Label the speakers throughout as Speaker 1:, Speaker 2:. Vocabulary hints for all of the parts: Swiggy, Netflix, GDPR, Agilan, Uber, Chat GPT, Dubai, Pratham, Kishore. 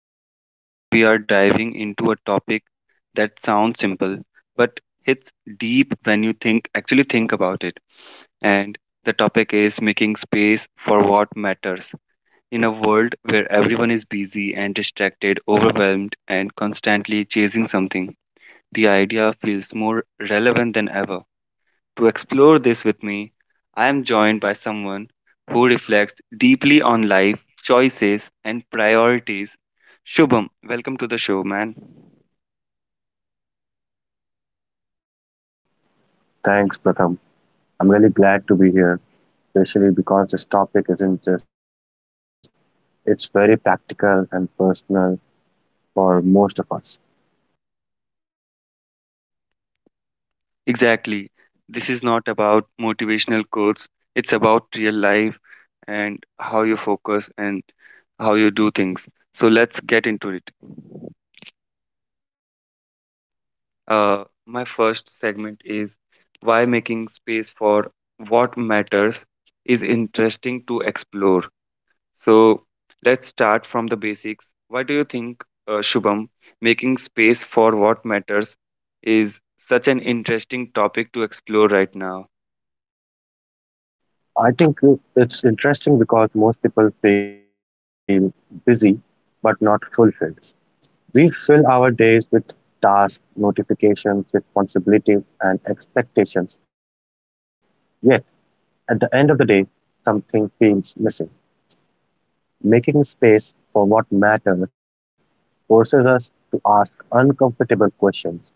Speaker 1: and today we are diving into a topic that sounds simple but hits deep when you think actually think about it. And the topic is making space for what matters. In a world where everyone is busy and distracted, overwhelmed, and constantly chasing something, the idea feels more relevant than ever. To explore this with me, I am joined by someone who reflects deeply on life, choices, and priorities. Shubham, welcome to the show, man.
Speaker 2: Thanks, Pratham. I'm really glad to be here, especially because this topic isn't just philosophical, it's very practical and personal for most of us.
Speaker 1: Exactly. This is not about motivational quotes, it's about real life and how you focus and how you do things. So let's get into it. My first segment is why making space for what matters is interesting to explore. So let's start from the basics. Why do you think, Shubham, making space for what matters is such an interesting topic to explore right now?
Speaker 2: I think it's interesting because most people feel busy but not fulfilled. We fill our days with tasks, notifications, responsibilities, and expectations, yet at the end of the day, something feels missing. Making space for what matters forces us to ask uncomfortable questions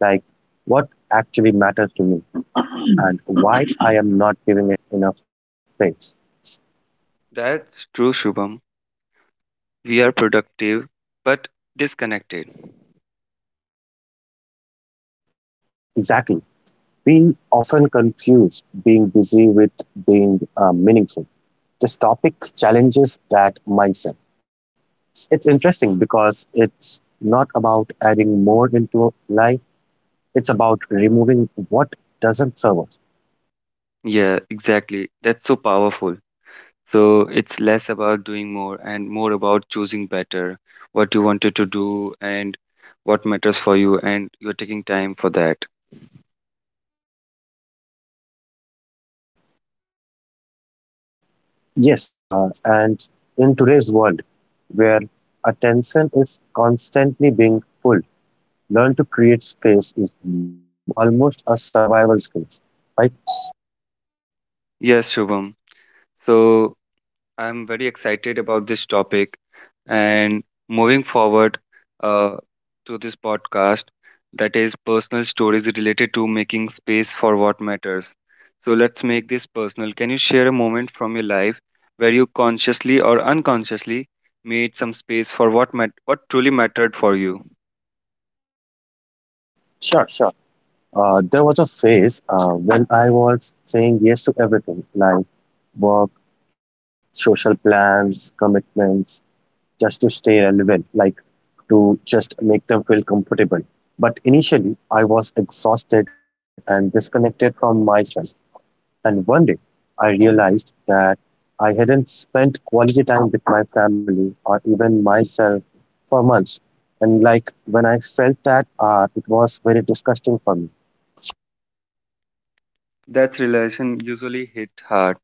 Speaker 2: like what actually matters to me and why I am not giving it enough space.
Speaker 1: That's true, Shubham. We are productive but disconnected.
Speaker 2: Exactly. We often confuse being busy with being meaningful. This topic challenges that mindset. It's interesting because it's not about adding more into life, it's about removing what doesn't serve us.
Speaker 1: Yeah, exactly. That's so powerful. So it's less about doing more and more about choosing better what you wanted to do and what matters for you, and you're taking time for that.
Speaker 2: Yes, and in today's world where attention is constantly being pulled, learn to create space is almost a survival skill, right?
Speaker 1: Yes, Shubham. So I'm very excited about this topic and moving forward uh, to this podcast that is personal stories related to making space for what matters. So let's make this personal. Can you share a moment from your life where you consciously or unconsciously made some space for what truly mattered for you?
Speaker 2: Sure, sure. There was a phase when I was saying yes to everything like work, social plans, commitments, just to stay relevant, like to just make them feel comfortable. But initially, I was exhausted and disconnected from myself. And one day, I realized that I hadn't spent quality time with my family or even myself for months. And like when I felt that, it was very disgusting for me.
Speaker 1: That's relation usually hit hard.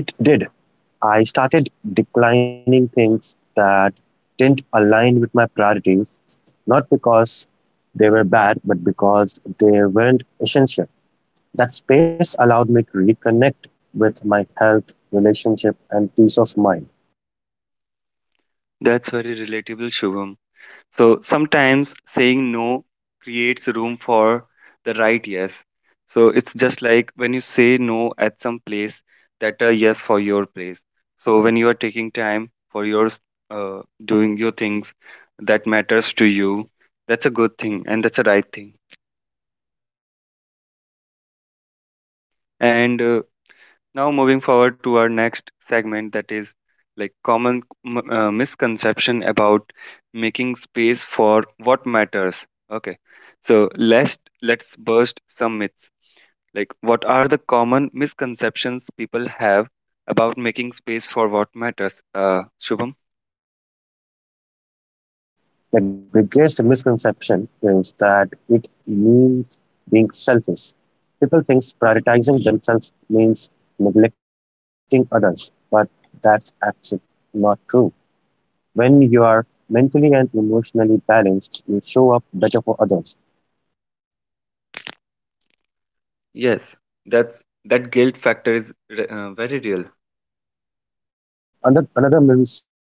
Speaker 2: It did. I started declining things that didn't align with my priorities, not because they were bad, but because they weren't essential. That space allowed me to reconnect with my health, relationship, and peace of mind.
Speaker 1: That's very relatable, Shubham. So sometimes saying no creates room for the right yes. So it's just like when you say no at some place, that a yes for your place. So when you are taking time for your doing your things that matters to you, that's a good thing and that's a right thing. And now, moving forward to our next segment that is like common misconception about making space for what matters. Okay. So, let's burst some myths. Like what are the common misconceptions people have about making space for what matters? Shubham?
Speaker 2: That the biggest misconception is that it means being selfish. People think prioritizing themselves means neglecting others, but that's actually not true. When you are mentally and emotionally balanced, you show up better for others.
Speaker 1: Yes. That's that guilt factor is very real.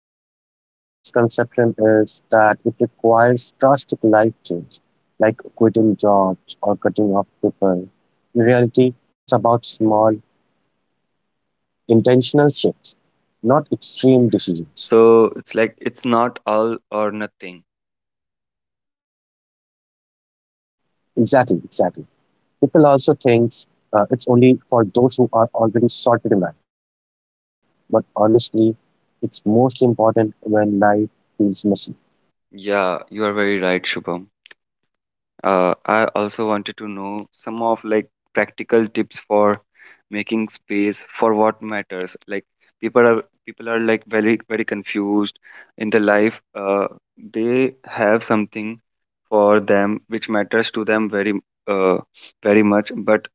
Speaker 2: Another misconception is that it requires drastic life change, like quitting jobs or cutting off people. In reality, it's about small, intentional shifts, not extreme decisions.
Speaker 1: So, it's like it's not all or nothing.
Speaker 2: Exactly, exactly. People also think it's only for those who are already sorted in life, but honestly, it's most important when life feels messy.
Speaker 1: Yeah, you are very right, Shubham. I also wanted to know some of like practical tips for making space for what matters. Like people are like very confused in the life. They have something for them which matters to them uh, very much, but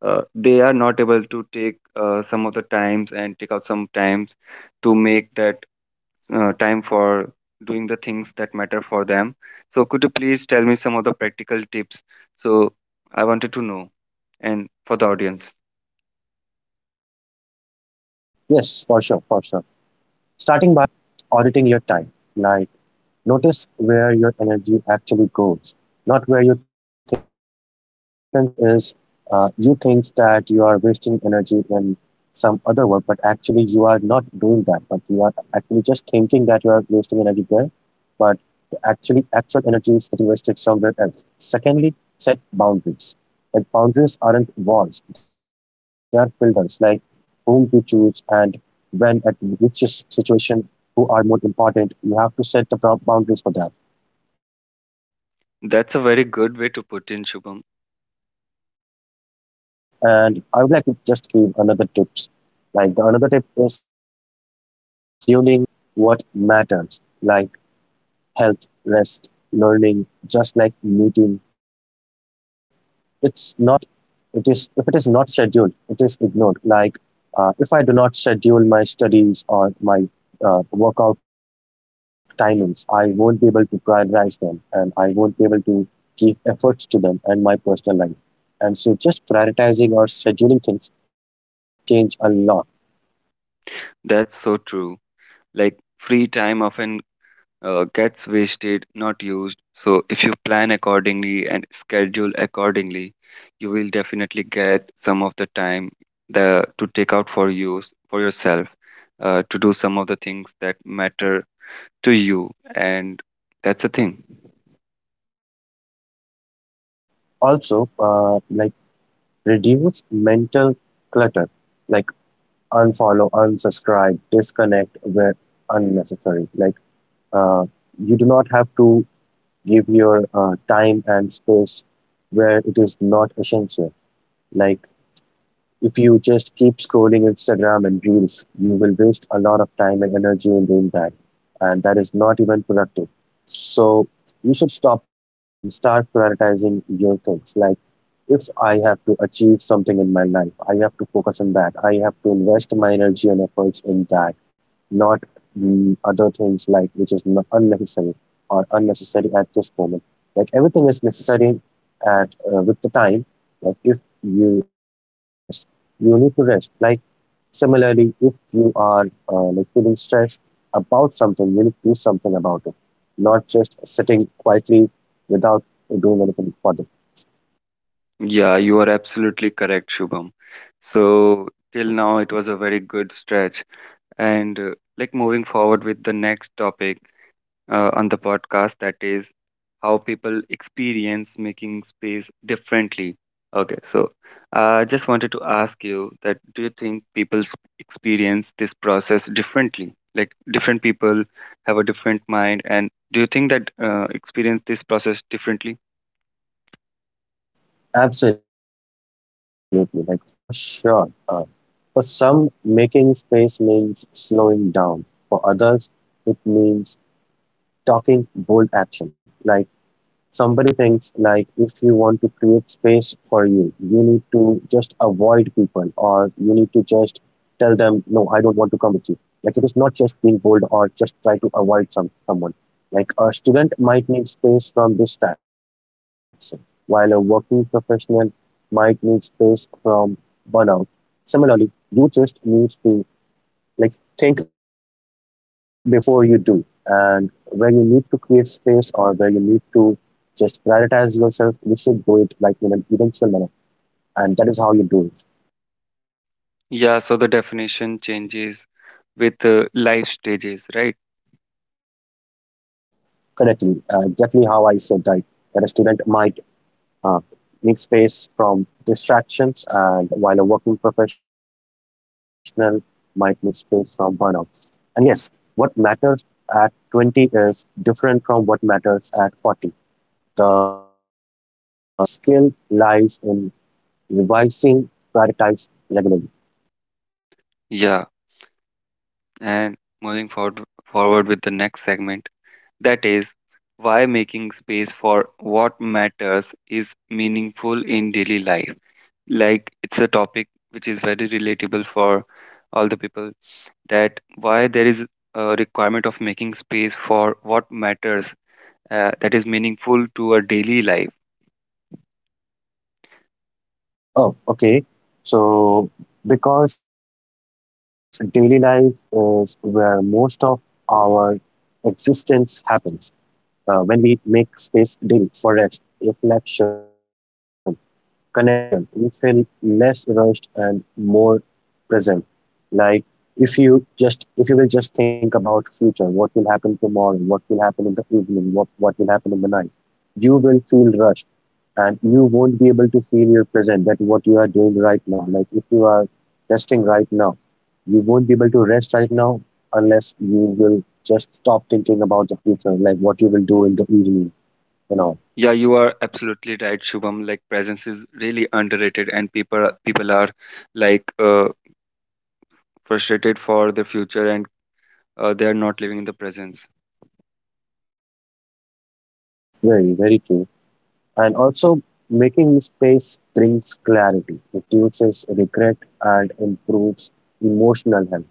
Speaker 1: they are not able to take some of the times and take out some times to make that time for doing the things that matter for them. So, could you please tell me some of the practical tips? So, I wanted to know, and for the audience,
Speaker 2: Yes, for sure, for sure. Starting by auditing your time, like notice where your energy actually goes, not where you think it goes. Like what happens is you think that you are wasting energy in some other work, but actually you are not doing that, but you are actually just thinking that you are wasting energy there. But actually actual energy is getting wasted somewhere else. Secondly, set boundaries. Like boundaries aren't walls, they are filters, like whom to choose and when at which situation who are more important. You have to set the boundaries for that.
Speaker 1: that's a very good way to put in Shubham.
Speaker 2: And I would like to just give another tips. Like the another tip is scheduling what matters, like health, rest, learning, just like meeting. It's not, it is, if it is not scheduled it is ignored. Like if I do not schedule my studies or my workout timings, I won't be able to prioritize them and I won't be able to give efforts to them and my personal life. And so just prioritizing or scheduling things will change a lot.
Speaker 1: That's so true. Like, free time often gets wasted, not used. So, if you plan accordingly and schedule accordingly, you will definitely get some of the time the to take out for you for yourself to do some of the things that matter to you. And that's the thing.
Speaker 2: Also, like reduce mental clutter, like unfollow, unsubscribe, disconnect where unnecessary. Like Uh, you do not have to give your time and space where it is not essential. Like if you just keep scrolling Instagram and Reels, you will waste a lot of time and energy in doing that. And that is not even productive. So you should stop doing that and start prioritizing your things. Like if I have to achieve something in my life, I have to focus on that. I have to invest my energy and efforts in that, not other things like which is unnecessary or unnecessary at this moment. Like everything is necessary at with the time. Like if you are feeling stressed, you need to rest. Like similarly, if you are like feeling stressed about something, you need to do something about it, not just sitting quietly without doing anything for them.
Speaker 1: Yeah, you are absolutely correct, Shubham. So, till now, it was a very good stretch. And like moving forward with the next topic on the podcast, that is how people experience making space differently. Okay, so I just wanted to ask you that do you think people experience this process differently? Like different people have a different mind, and do you think that experience this process differently?
Speaker 2: Absolutely, like for sure. For some, making space means slowing down. For others, it means talking bold action, like somebody thinks like if you want to create space for you, you need to just avoid people or you need to just tell them, no, I don't want to come with you. Like it is not just being bold or just try to avoid someone. Like a student might need space from distraction, while a working professional might need space from burnout. Similarly, you just need to like think before you do and where you need to create space or where you need to just prioritize yourself. You should do it like in an eventual manner, and that is how you do it
Speaker 1: Yeah, so the definition changes with life stages, right?
Speaker 2: correctly. Exactly how I said that, that a student might uh, need space from distractions, and while a working professional might need space from burnout. And yes, what matters at 20 is different from what matters at 40. The skill lies in revising prioritize regularly.
Speaker 1: Yeah, and moving forward with the next segment, that is why making space for what matters is meaningful in daily life. Like it's a topic which is very relatable for all the people that why there is a requirement of making space for what matters that is meaningful to a daily life.
Speaker 2: Oh, okay. So, because daily life is where most of our existence happens, when we make space daily for rest, reflection, connection, you feel less rushed and more present. Like if you will just think about future, what will happen tomorrow, what will happen in the evening, what will happen in the night, you will feel rushed and you won't be able to feel your present that what you are doing right now. Like if you are resting right now, you won't be able to rest right now unless you will just stop thinking about the future, like what you will do in the evening, you know.
Speaker 1: Yeah, you are absolutely right, Shubham. Like presence is really underrated, and people are like frustrated for the future, and they are not living in the presence.
Speaker 2: Very, very true. And also, making space brings clarity, reduces regret, and improves emotional health.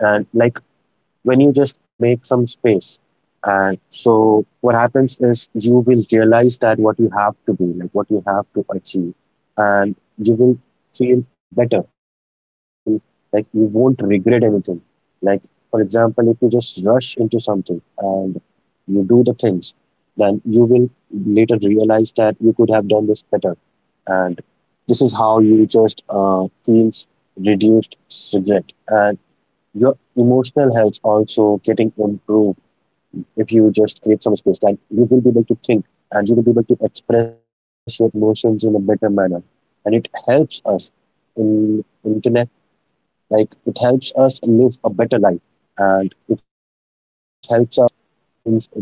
Speaker 2: And like when you just make some space. And so what happens is you will realize that what you have to do, like what you have to achieve, and you will feel better and you will feel like you won't regret anything. Like, for example, if you just rush into something and you do the things, then you will later realize that you could have done this better. And this is how you just feels reduced regret. And your emotional health also getting improved if you just create some space time. You will be able to think and you will be able to express your emotions in a better manner. And it helps us in internet, like it helps us live a better life and it helps us in,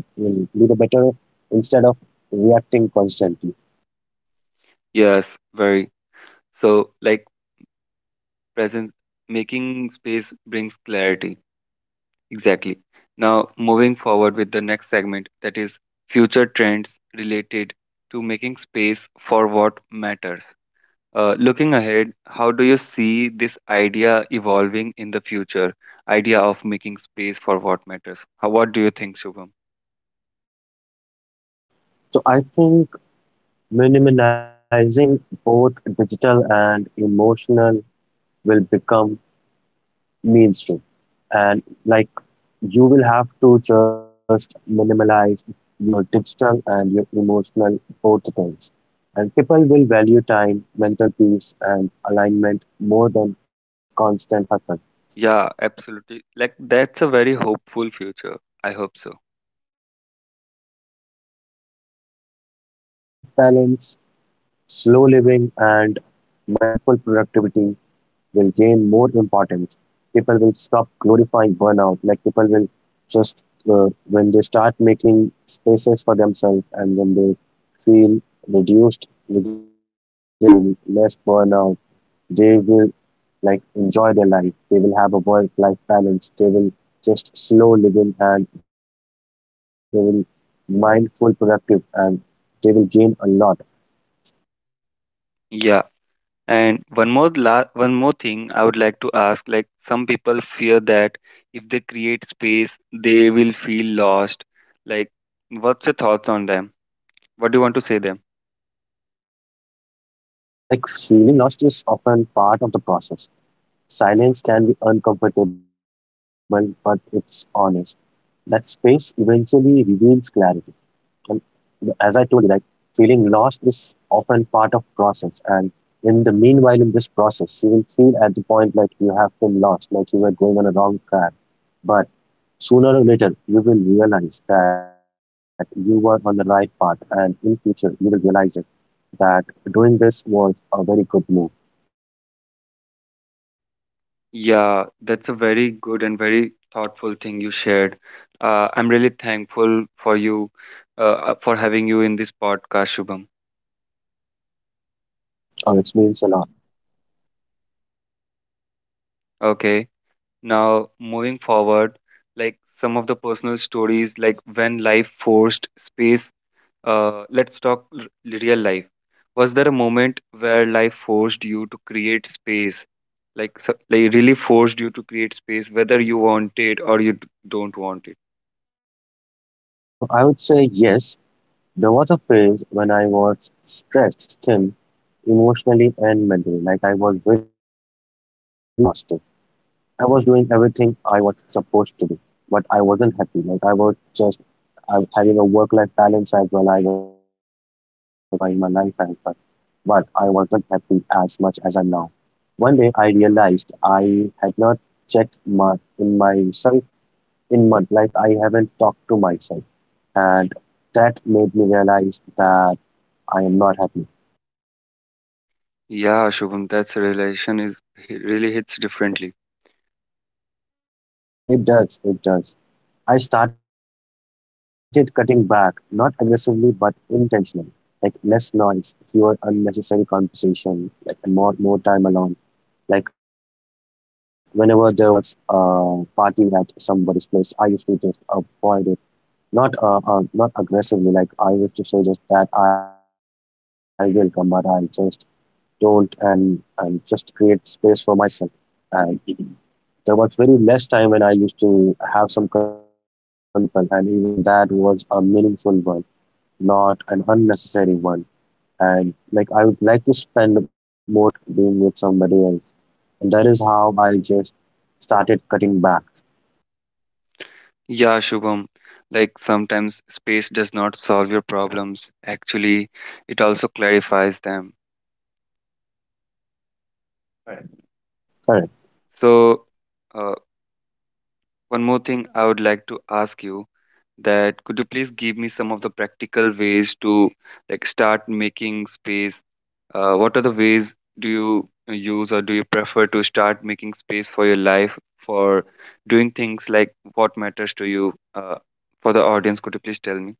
Speaker 2: in live a better instead of reacting constantly.
Speaker 1: Yes, very. So like presence, making space brings clarity. Exactly. Now moving forward with the next segment, that is future trends related to making space for what matters. Looking ahead, how do you see this idea evolving in the future? Idea of making space for what matters. How, what do you think, Shubham?
Speaker 2: So I think minimizing both digital and emotional will become mainstream. And like you will have to just minimalize your digital and your emotional both things, and people will value time, mental peace, and alignment more than constant hustle.
Speaker 1: Yeah, absolutely. Like that's a very hopeful future. I hope so.
Speaker 2: Yes, work life balance, slow living, and mindful productivity will gain more importance. People will burnout. Like people will just when they start making spaces for themselves and when they feel reduced regrets and when they feel less burnout, they will like enjoy their life. They will have a work-life balance. They will just slow living and they will mindful, productive, and they will gain a lot.
Speaker 1: Yeah. And one more thing I would like to ask, like some people fear that if they create space, they will feel lost. Like, what's your thoughts on them? What do you want to say them?
Speaker 2: Like feeling lost is often part of the process. Silence can be uncomfortable, but it's honest. That space eventually reveals clarity. And as I told you, that feeling lost is often part of process. And in the meanwhile, in this process, you will feel at the point like you have been lost, like you were going on a wrong track. But sooner or later, you will realize that you were on the right path, and in future, you will realize it, that doing this was a very good move.
Speaker 1: Yeah, that's a very good and very thoughtful thing you shared. I'm really thankful for you, for having you in this podcast, Shubham.
Speaker 2: It means a lot.
Speaker 1: Okay, now moving forward, like some of the personal stories, like when life forced space, let's talk real life. Was there a moment where life forced you to create space? Like, so, like really forced you to create space, whether you want it or you don't want it?
Speaker 2: I would say yes, there was a phase when I was stressed thin emotionally and mentally, like I was very exhausted. I was doing everything I was supposed to do, but I wasn't happy. Like I was just I, having a work-life balance as well. I was enjoying my life as well, but I wasn't happy as much as I'm now. One day I realized I had not checked my in myself in month, like I haven't talked to myself, and that made me realize that I am not happy.
Speaker 1: Yeah, Shubham, that's a relation is he really hits differently.
Speaker 2: It does, it does. I started cutting back, not aggressively but intentionally. Like less noise, fewer unnecessary conversation, like and more time alone. Like whenever there was a party at somebody's place, I used to just avoid it. Not not aggressively. Like I used to say just that I will come, but I just don't and just create space for myself. And there was very less time when I used to have some conversation with people, and even that was a meaningful one, not an unnecessary one. And like I would like to spend more time alone, not being with somebody else. And that is how I just started cutting back.
Speaker 1: Yeah, Shubham, like sometimes space does not solve your problems. Actually, it also clarifies them.
Speaker 2: Correct.
Speaker 1: Right. So, uh, one more thing I would like to ask you, that could you please give me some of the practical ways to like start making space? What are the ways do you use or do you prefer to start making space for your life for doing things like what matters to you? For the audience, could you please tell me?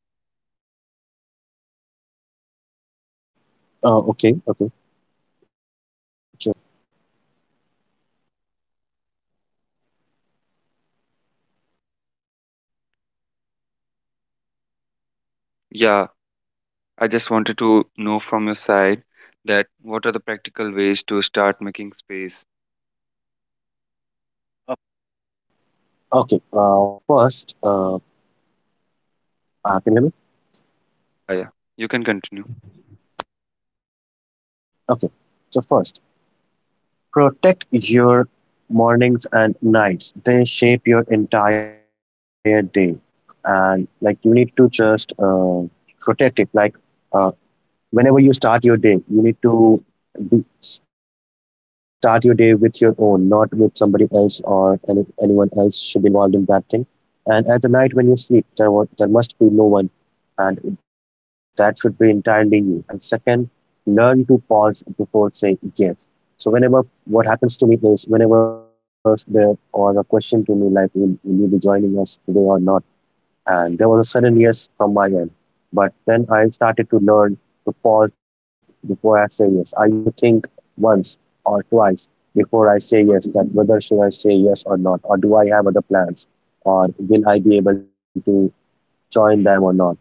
Speaker 1: Yeah, I just wanted to know from your side that what are the practical ways to start making space?
Speaker 2: Okay, first, can you hear me?
Speaker 1: Yeah, yeah. You can continue.
Speaker 2: Okay, so first, protect your mornings and nights. They shape your entire day, and like you need to just protect it. Like uh, whenever you start your day, you need to start your day with your own, not with somebody else or anyone else should be involved in that thing. And at the night when you sleep, there must be no one, and that should be entirely you. And second, learn to pause before saying yes. So whenever what happens to me is whenever there was a question to me like will you be joining us today or not, and there was a sudden yes from my end, but then I started to learn to pause before I say yes. I used to think once or twice before I say yes, that whether should I say yes or not, or do I have other plans, or will I be able to join them or not.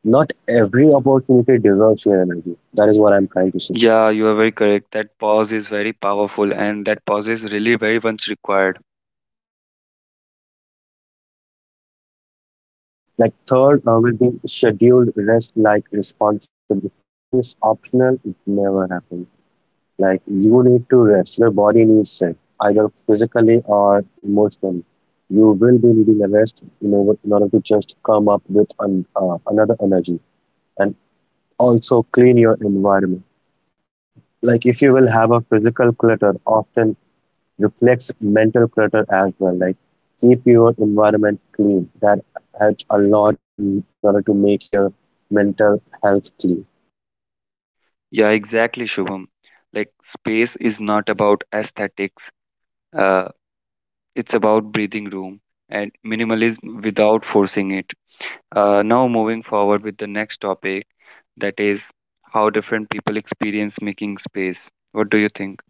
Speaker 2: Not every opportunity deserves your energy. That is what I'm trying to say.
Speaker 1: Yeah, you are very correct. That pause is very powerful and that pause is really very much required.
Speaker 2: Like third, will be scheduled rest like responsibility. If rest is optional, it never happens. Like you need to rest. Your body needs rest, either physically or emotionally. You will be needing a rest in order to just come up with an, another energy, and also clean your environment. Like if you will have a physical clutter, often reflects mental clutter as well. Like keep your environment clean. That helps a lot in order to make your mental health clean.
Speaker 1: Yeah, exactly, Shubham. Like space is not about aesthetics. Uh, it's about breathing room and minimalism without forcing it. Now moving forward with the next topic, that is how different people experience making space. What do you think?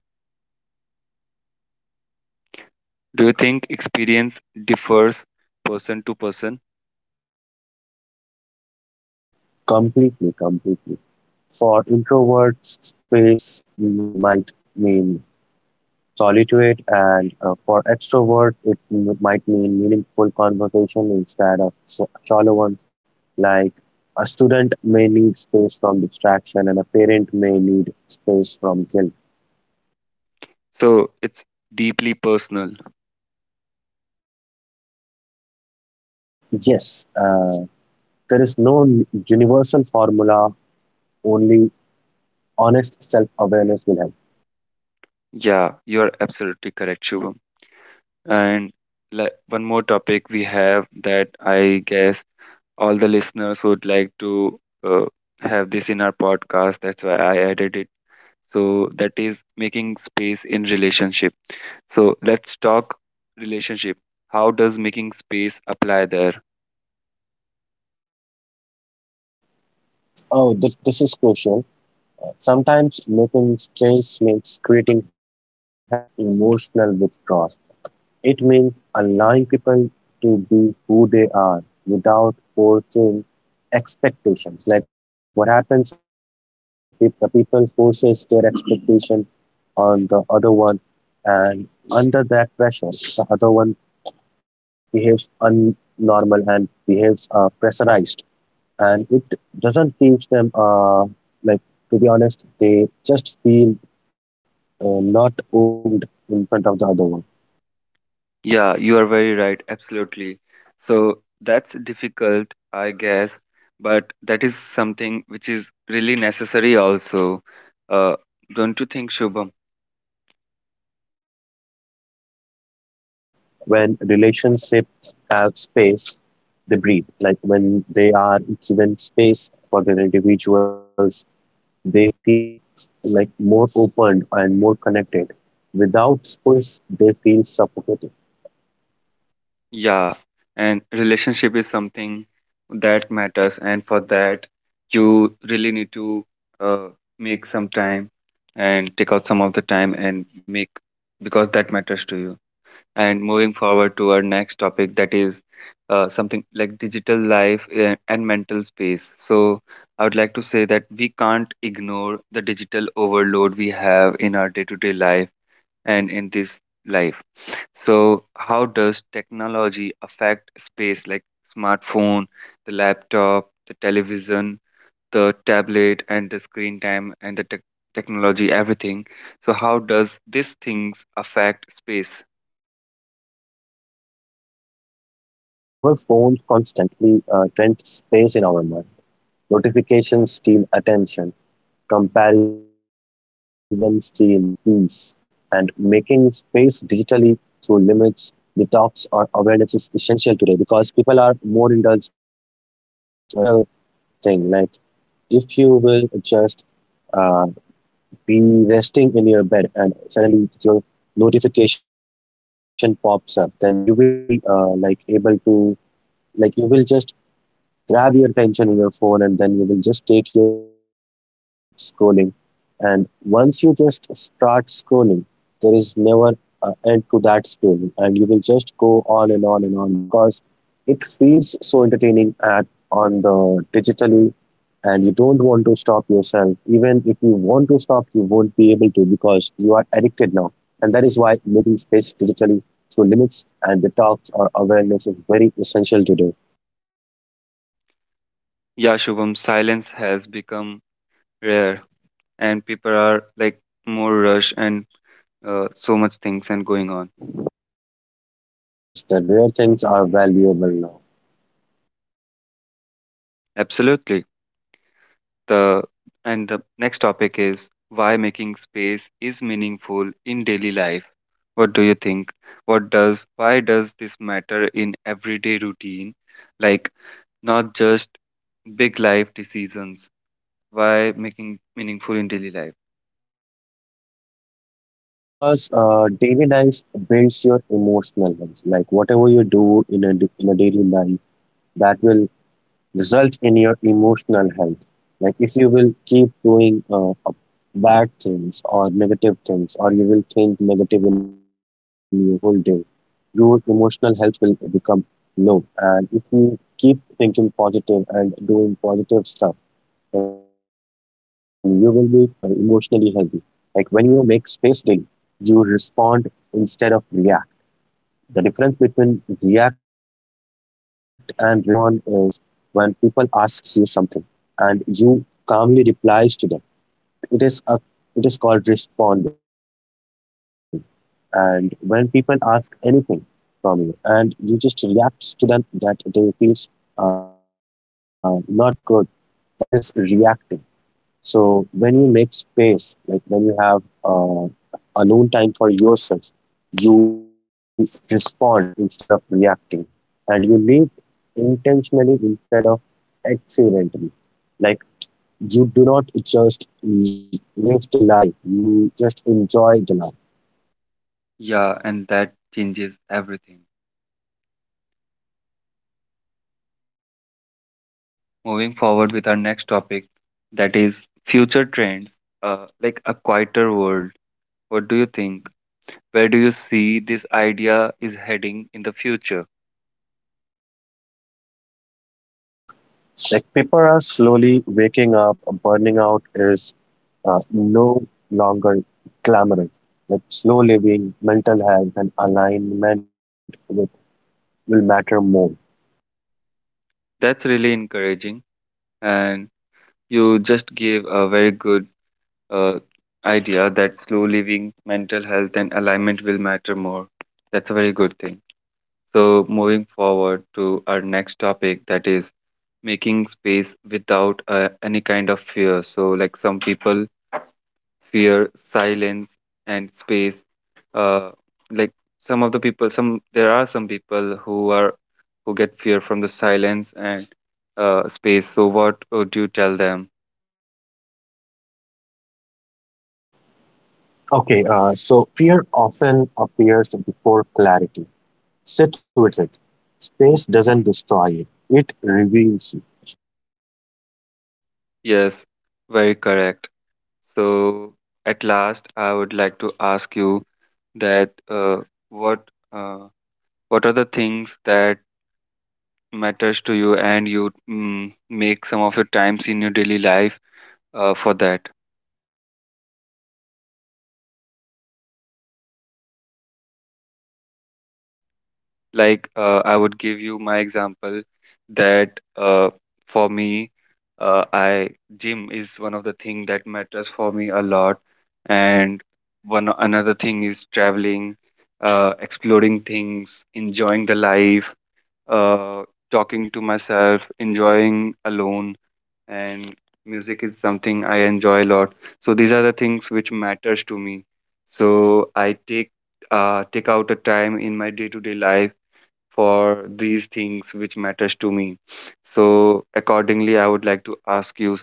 Speaker 1: Do you think experience
Speaker 2: Com-
Speaker 1: differs person to person?
Speaker 2: Completely, completely. For introverts, space might mean solitude, and for extrovert, might mean meaningful conversation instead of shallow ones. Like a student may need space from distraction, and a parent may need space from guilt.
Speaker 1: So it's deeply personal.
Speaker 2: Yes, there is no universal formula, only honest self awareness will help.
Speaker 1: Yeah, you are absolutely correct, Shubham. And like one more topic we have that I guess all the listeners would like to uh, have this in our podcast. That's why I added it. So that is making space in relationship. So let's talk relationship. How does making space apply there?
Speaker 2: Oh, this is crucial. Sometimes making change means creating healthy distance, not emotional withdrawal. It means allowing people to be who they are without forcing expectations. Like what happens in a relationship, the people forces their expectation on the other one, and under that pressure, the other one behaves unnormal and behaves pressurized, and it doesn't keeps them like, to be honest, they just feel not opened in front of the other one.
Speaker 1: Yeah, you are very right. Absolutely. So that's difficult, I guess, but that is something which is really necessary also. Uh, don't you think, Shubham?
Speaker 2: Yes, yeah. When relationships have space, they breathe. Like when they are given space for their individuals, they feel like more open and more connected. Without space, they feel suffocated.
Speaker 1: Yeah, and relationship is something that matters, and for that, you really need to uh, make some time and take out some of the time and make because that matters to you. And moving forward to our next topic, that is something like digital life and mental space. So, I would like to say that we can't ignore the digital overload we have in our day-to-day life and in this life. So, how does technology affect space like smartphone, the laptop, the television, the tablet, and the screen time and the technology, everything? So, how does these things affect space?
Speaker 2: Our phones constantly rent space in our mind. Notifications steal attention, comparison steal peace, and making space digitally through limits, detox, or awareness is essential today, because people are more indulged into the digital thing. Like, if you will just uh, be resting in your bed and suddenly your notification pops up, then you will be like able to, like you will just grab your attention in your phone, and then you will just take your phone in your hand and start scrolling. And once you just start scrolling, there is never an end to that scrolling, and you will just go on and on and on, because it feels so entertaining at on the digitally, and you don't want to stop yourself. Even if you want to stop, you won't be able to, because you are addicted now. And that is why making space digitally through limits and detox or awareness is very essential today.
Speaker 1: Yeah, Shubham, silence has become rare, and people are like more rush and so much things and going on.
Speaker 2: And yes, the rare things are valuable now.
Speaker 1: Absolutely. The and the next topic is why making space is meaningful in daily life. What do you think? What does why does this matter in everyday routine, like not just big life decisions? Why making meaningful in daily life?
Speaker 2: Like, because daily life builds your emotional health. Like whatever you do in a daily life, that will result in your emotional health. Like if you will keep doing bad things or negative things, or you will think negative in your whole day, your emotional health will become low. And if you keep thinking positive and doing positive stuff, and you will be emotionally healthy. Like when you make space daily, you respond instead of react. The difference between react and respond is when people ask you something and you calmly replies to them. It is a it is called responding. And when people ask anything from you and you just react to them, that they feels not good, that is reacting. So when you make space, like when you have uh, alone time for yourself, you respond instead of reacting, and you live intentionally instead of accidentally. Like you do not just live the life; you just enjoy the life.
Speaker 1: Yeah, and that changes everything. Moving forward with our next topic, that is future trends, like a quieter world. What do you think? Where do you see this idea is heading in the future?
Speaker 2: Like people are slowly waking up. Burning out is no longer glamorous. Like slow living, mental health, and alignment will matter more.
Speaker 1: That's really encouraging, and you just gave a very good uh, idea that slow living, mental health, and alignment will matter more. That's a very good thing. So, moving forward to our next topic, that is making space without any kind of fear. So, like some people fear silence and space. Uh, like some of the people, some there are some people who are who get fear from the silence and space. So, what would you tell them?
Speaker 2: Okay, so fear often appears before clarity. Sit with it. Space doesn't destroy it, it reveals
Speaker 1: Yes, very correct. So at last, I would like to ask you that what uh, what are the things that matters to you and you make some of your times in your daily life for that? Like, I would give you my example that for me, I gym is one of the thing that matters for me a lot, and one another thing is traveling, exploring things, enjoying the life, uh, talking to myself, enjoying alone, and music is something I enjoy a lot. So these are the things which matters to me. So I take take out a time in my day-to-day life for these things which matters to me. So accordingly, I would like to ask you.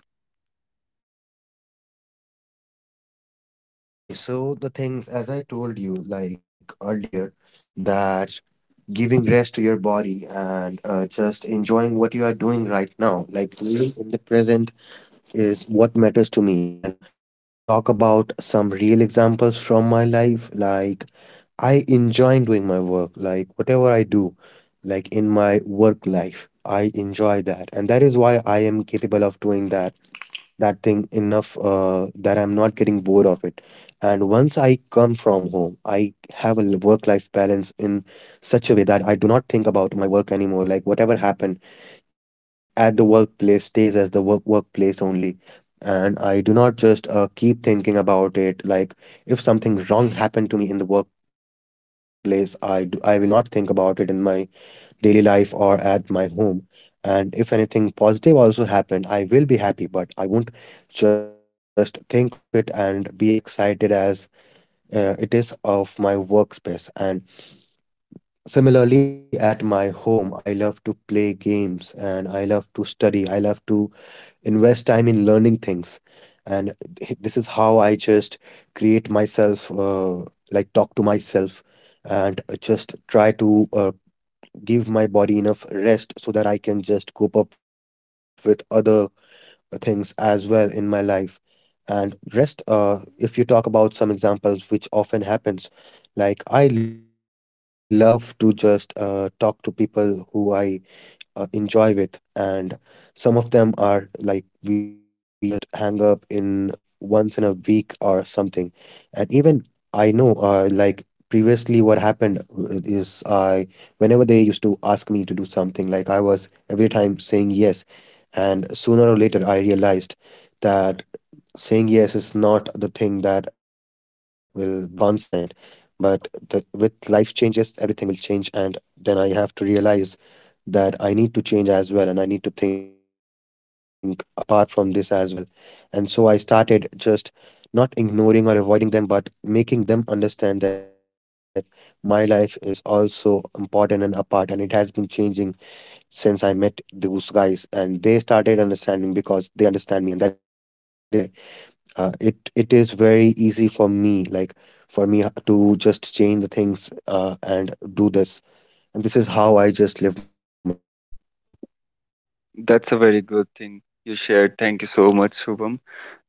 Speaker 1: That's a very good thing you shared. Thank you so much, Shubham.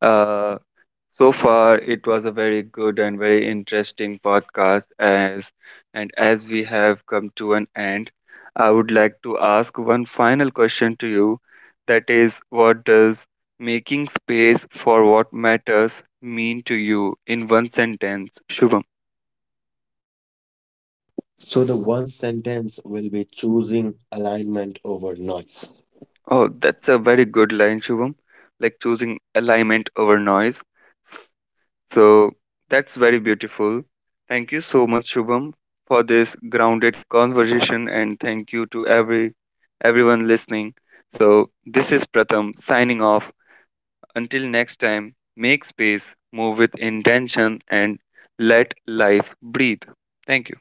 Speaker 1: Uh, so far, it was a very good and very interesting podcast. As we have come to an end, I would like to ask one final question to you. That is, what does making space for what matters mean to you in one sentence, Shubham? Oh, that's a very good line, Shubham. Like choosing alignment over noise. So that's very beautiful. Thank you so much, Shubham, for this grounded conversation, and thank you to everyone listening. So this is Pratham signing off. Until next time, make space, move with intention, and let life breathe. Thank you.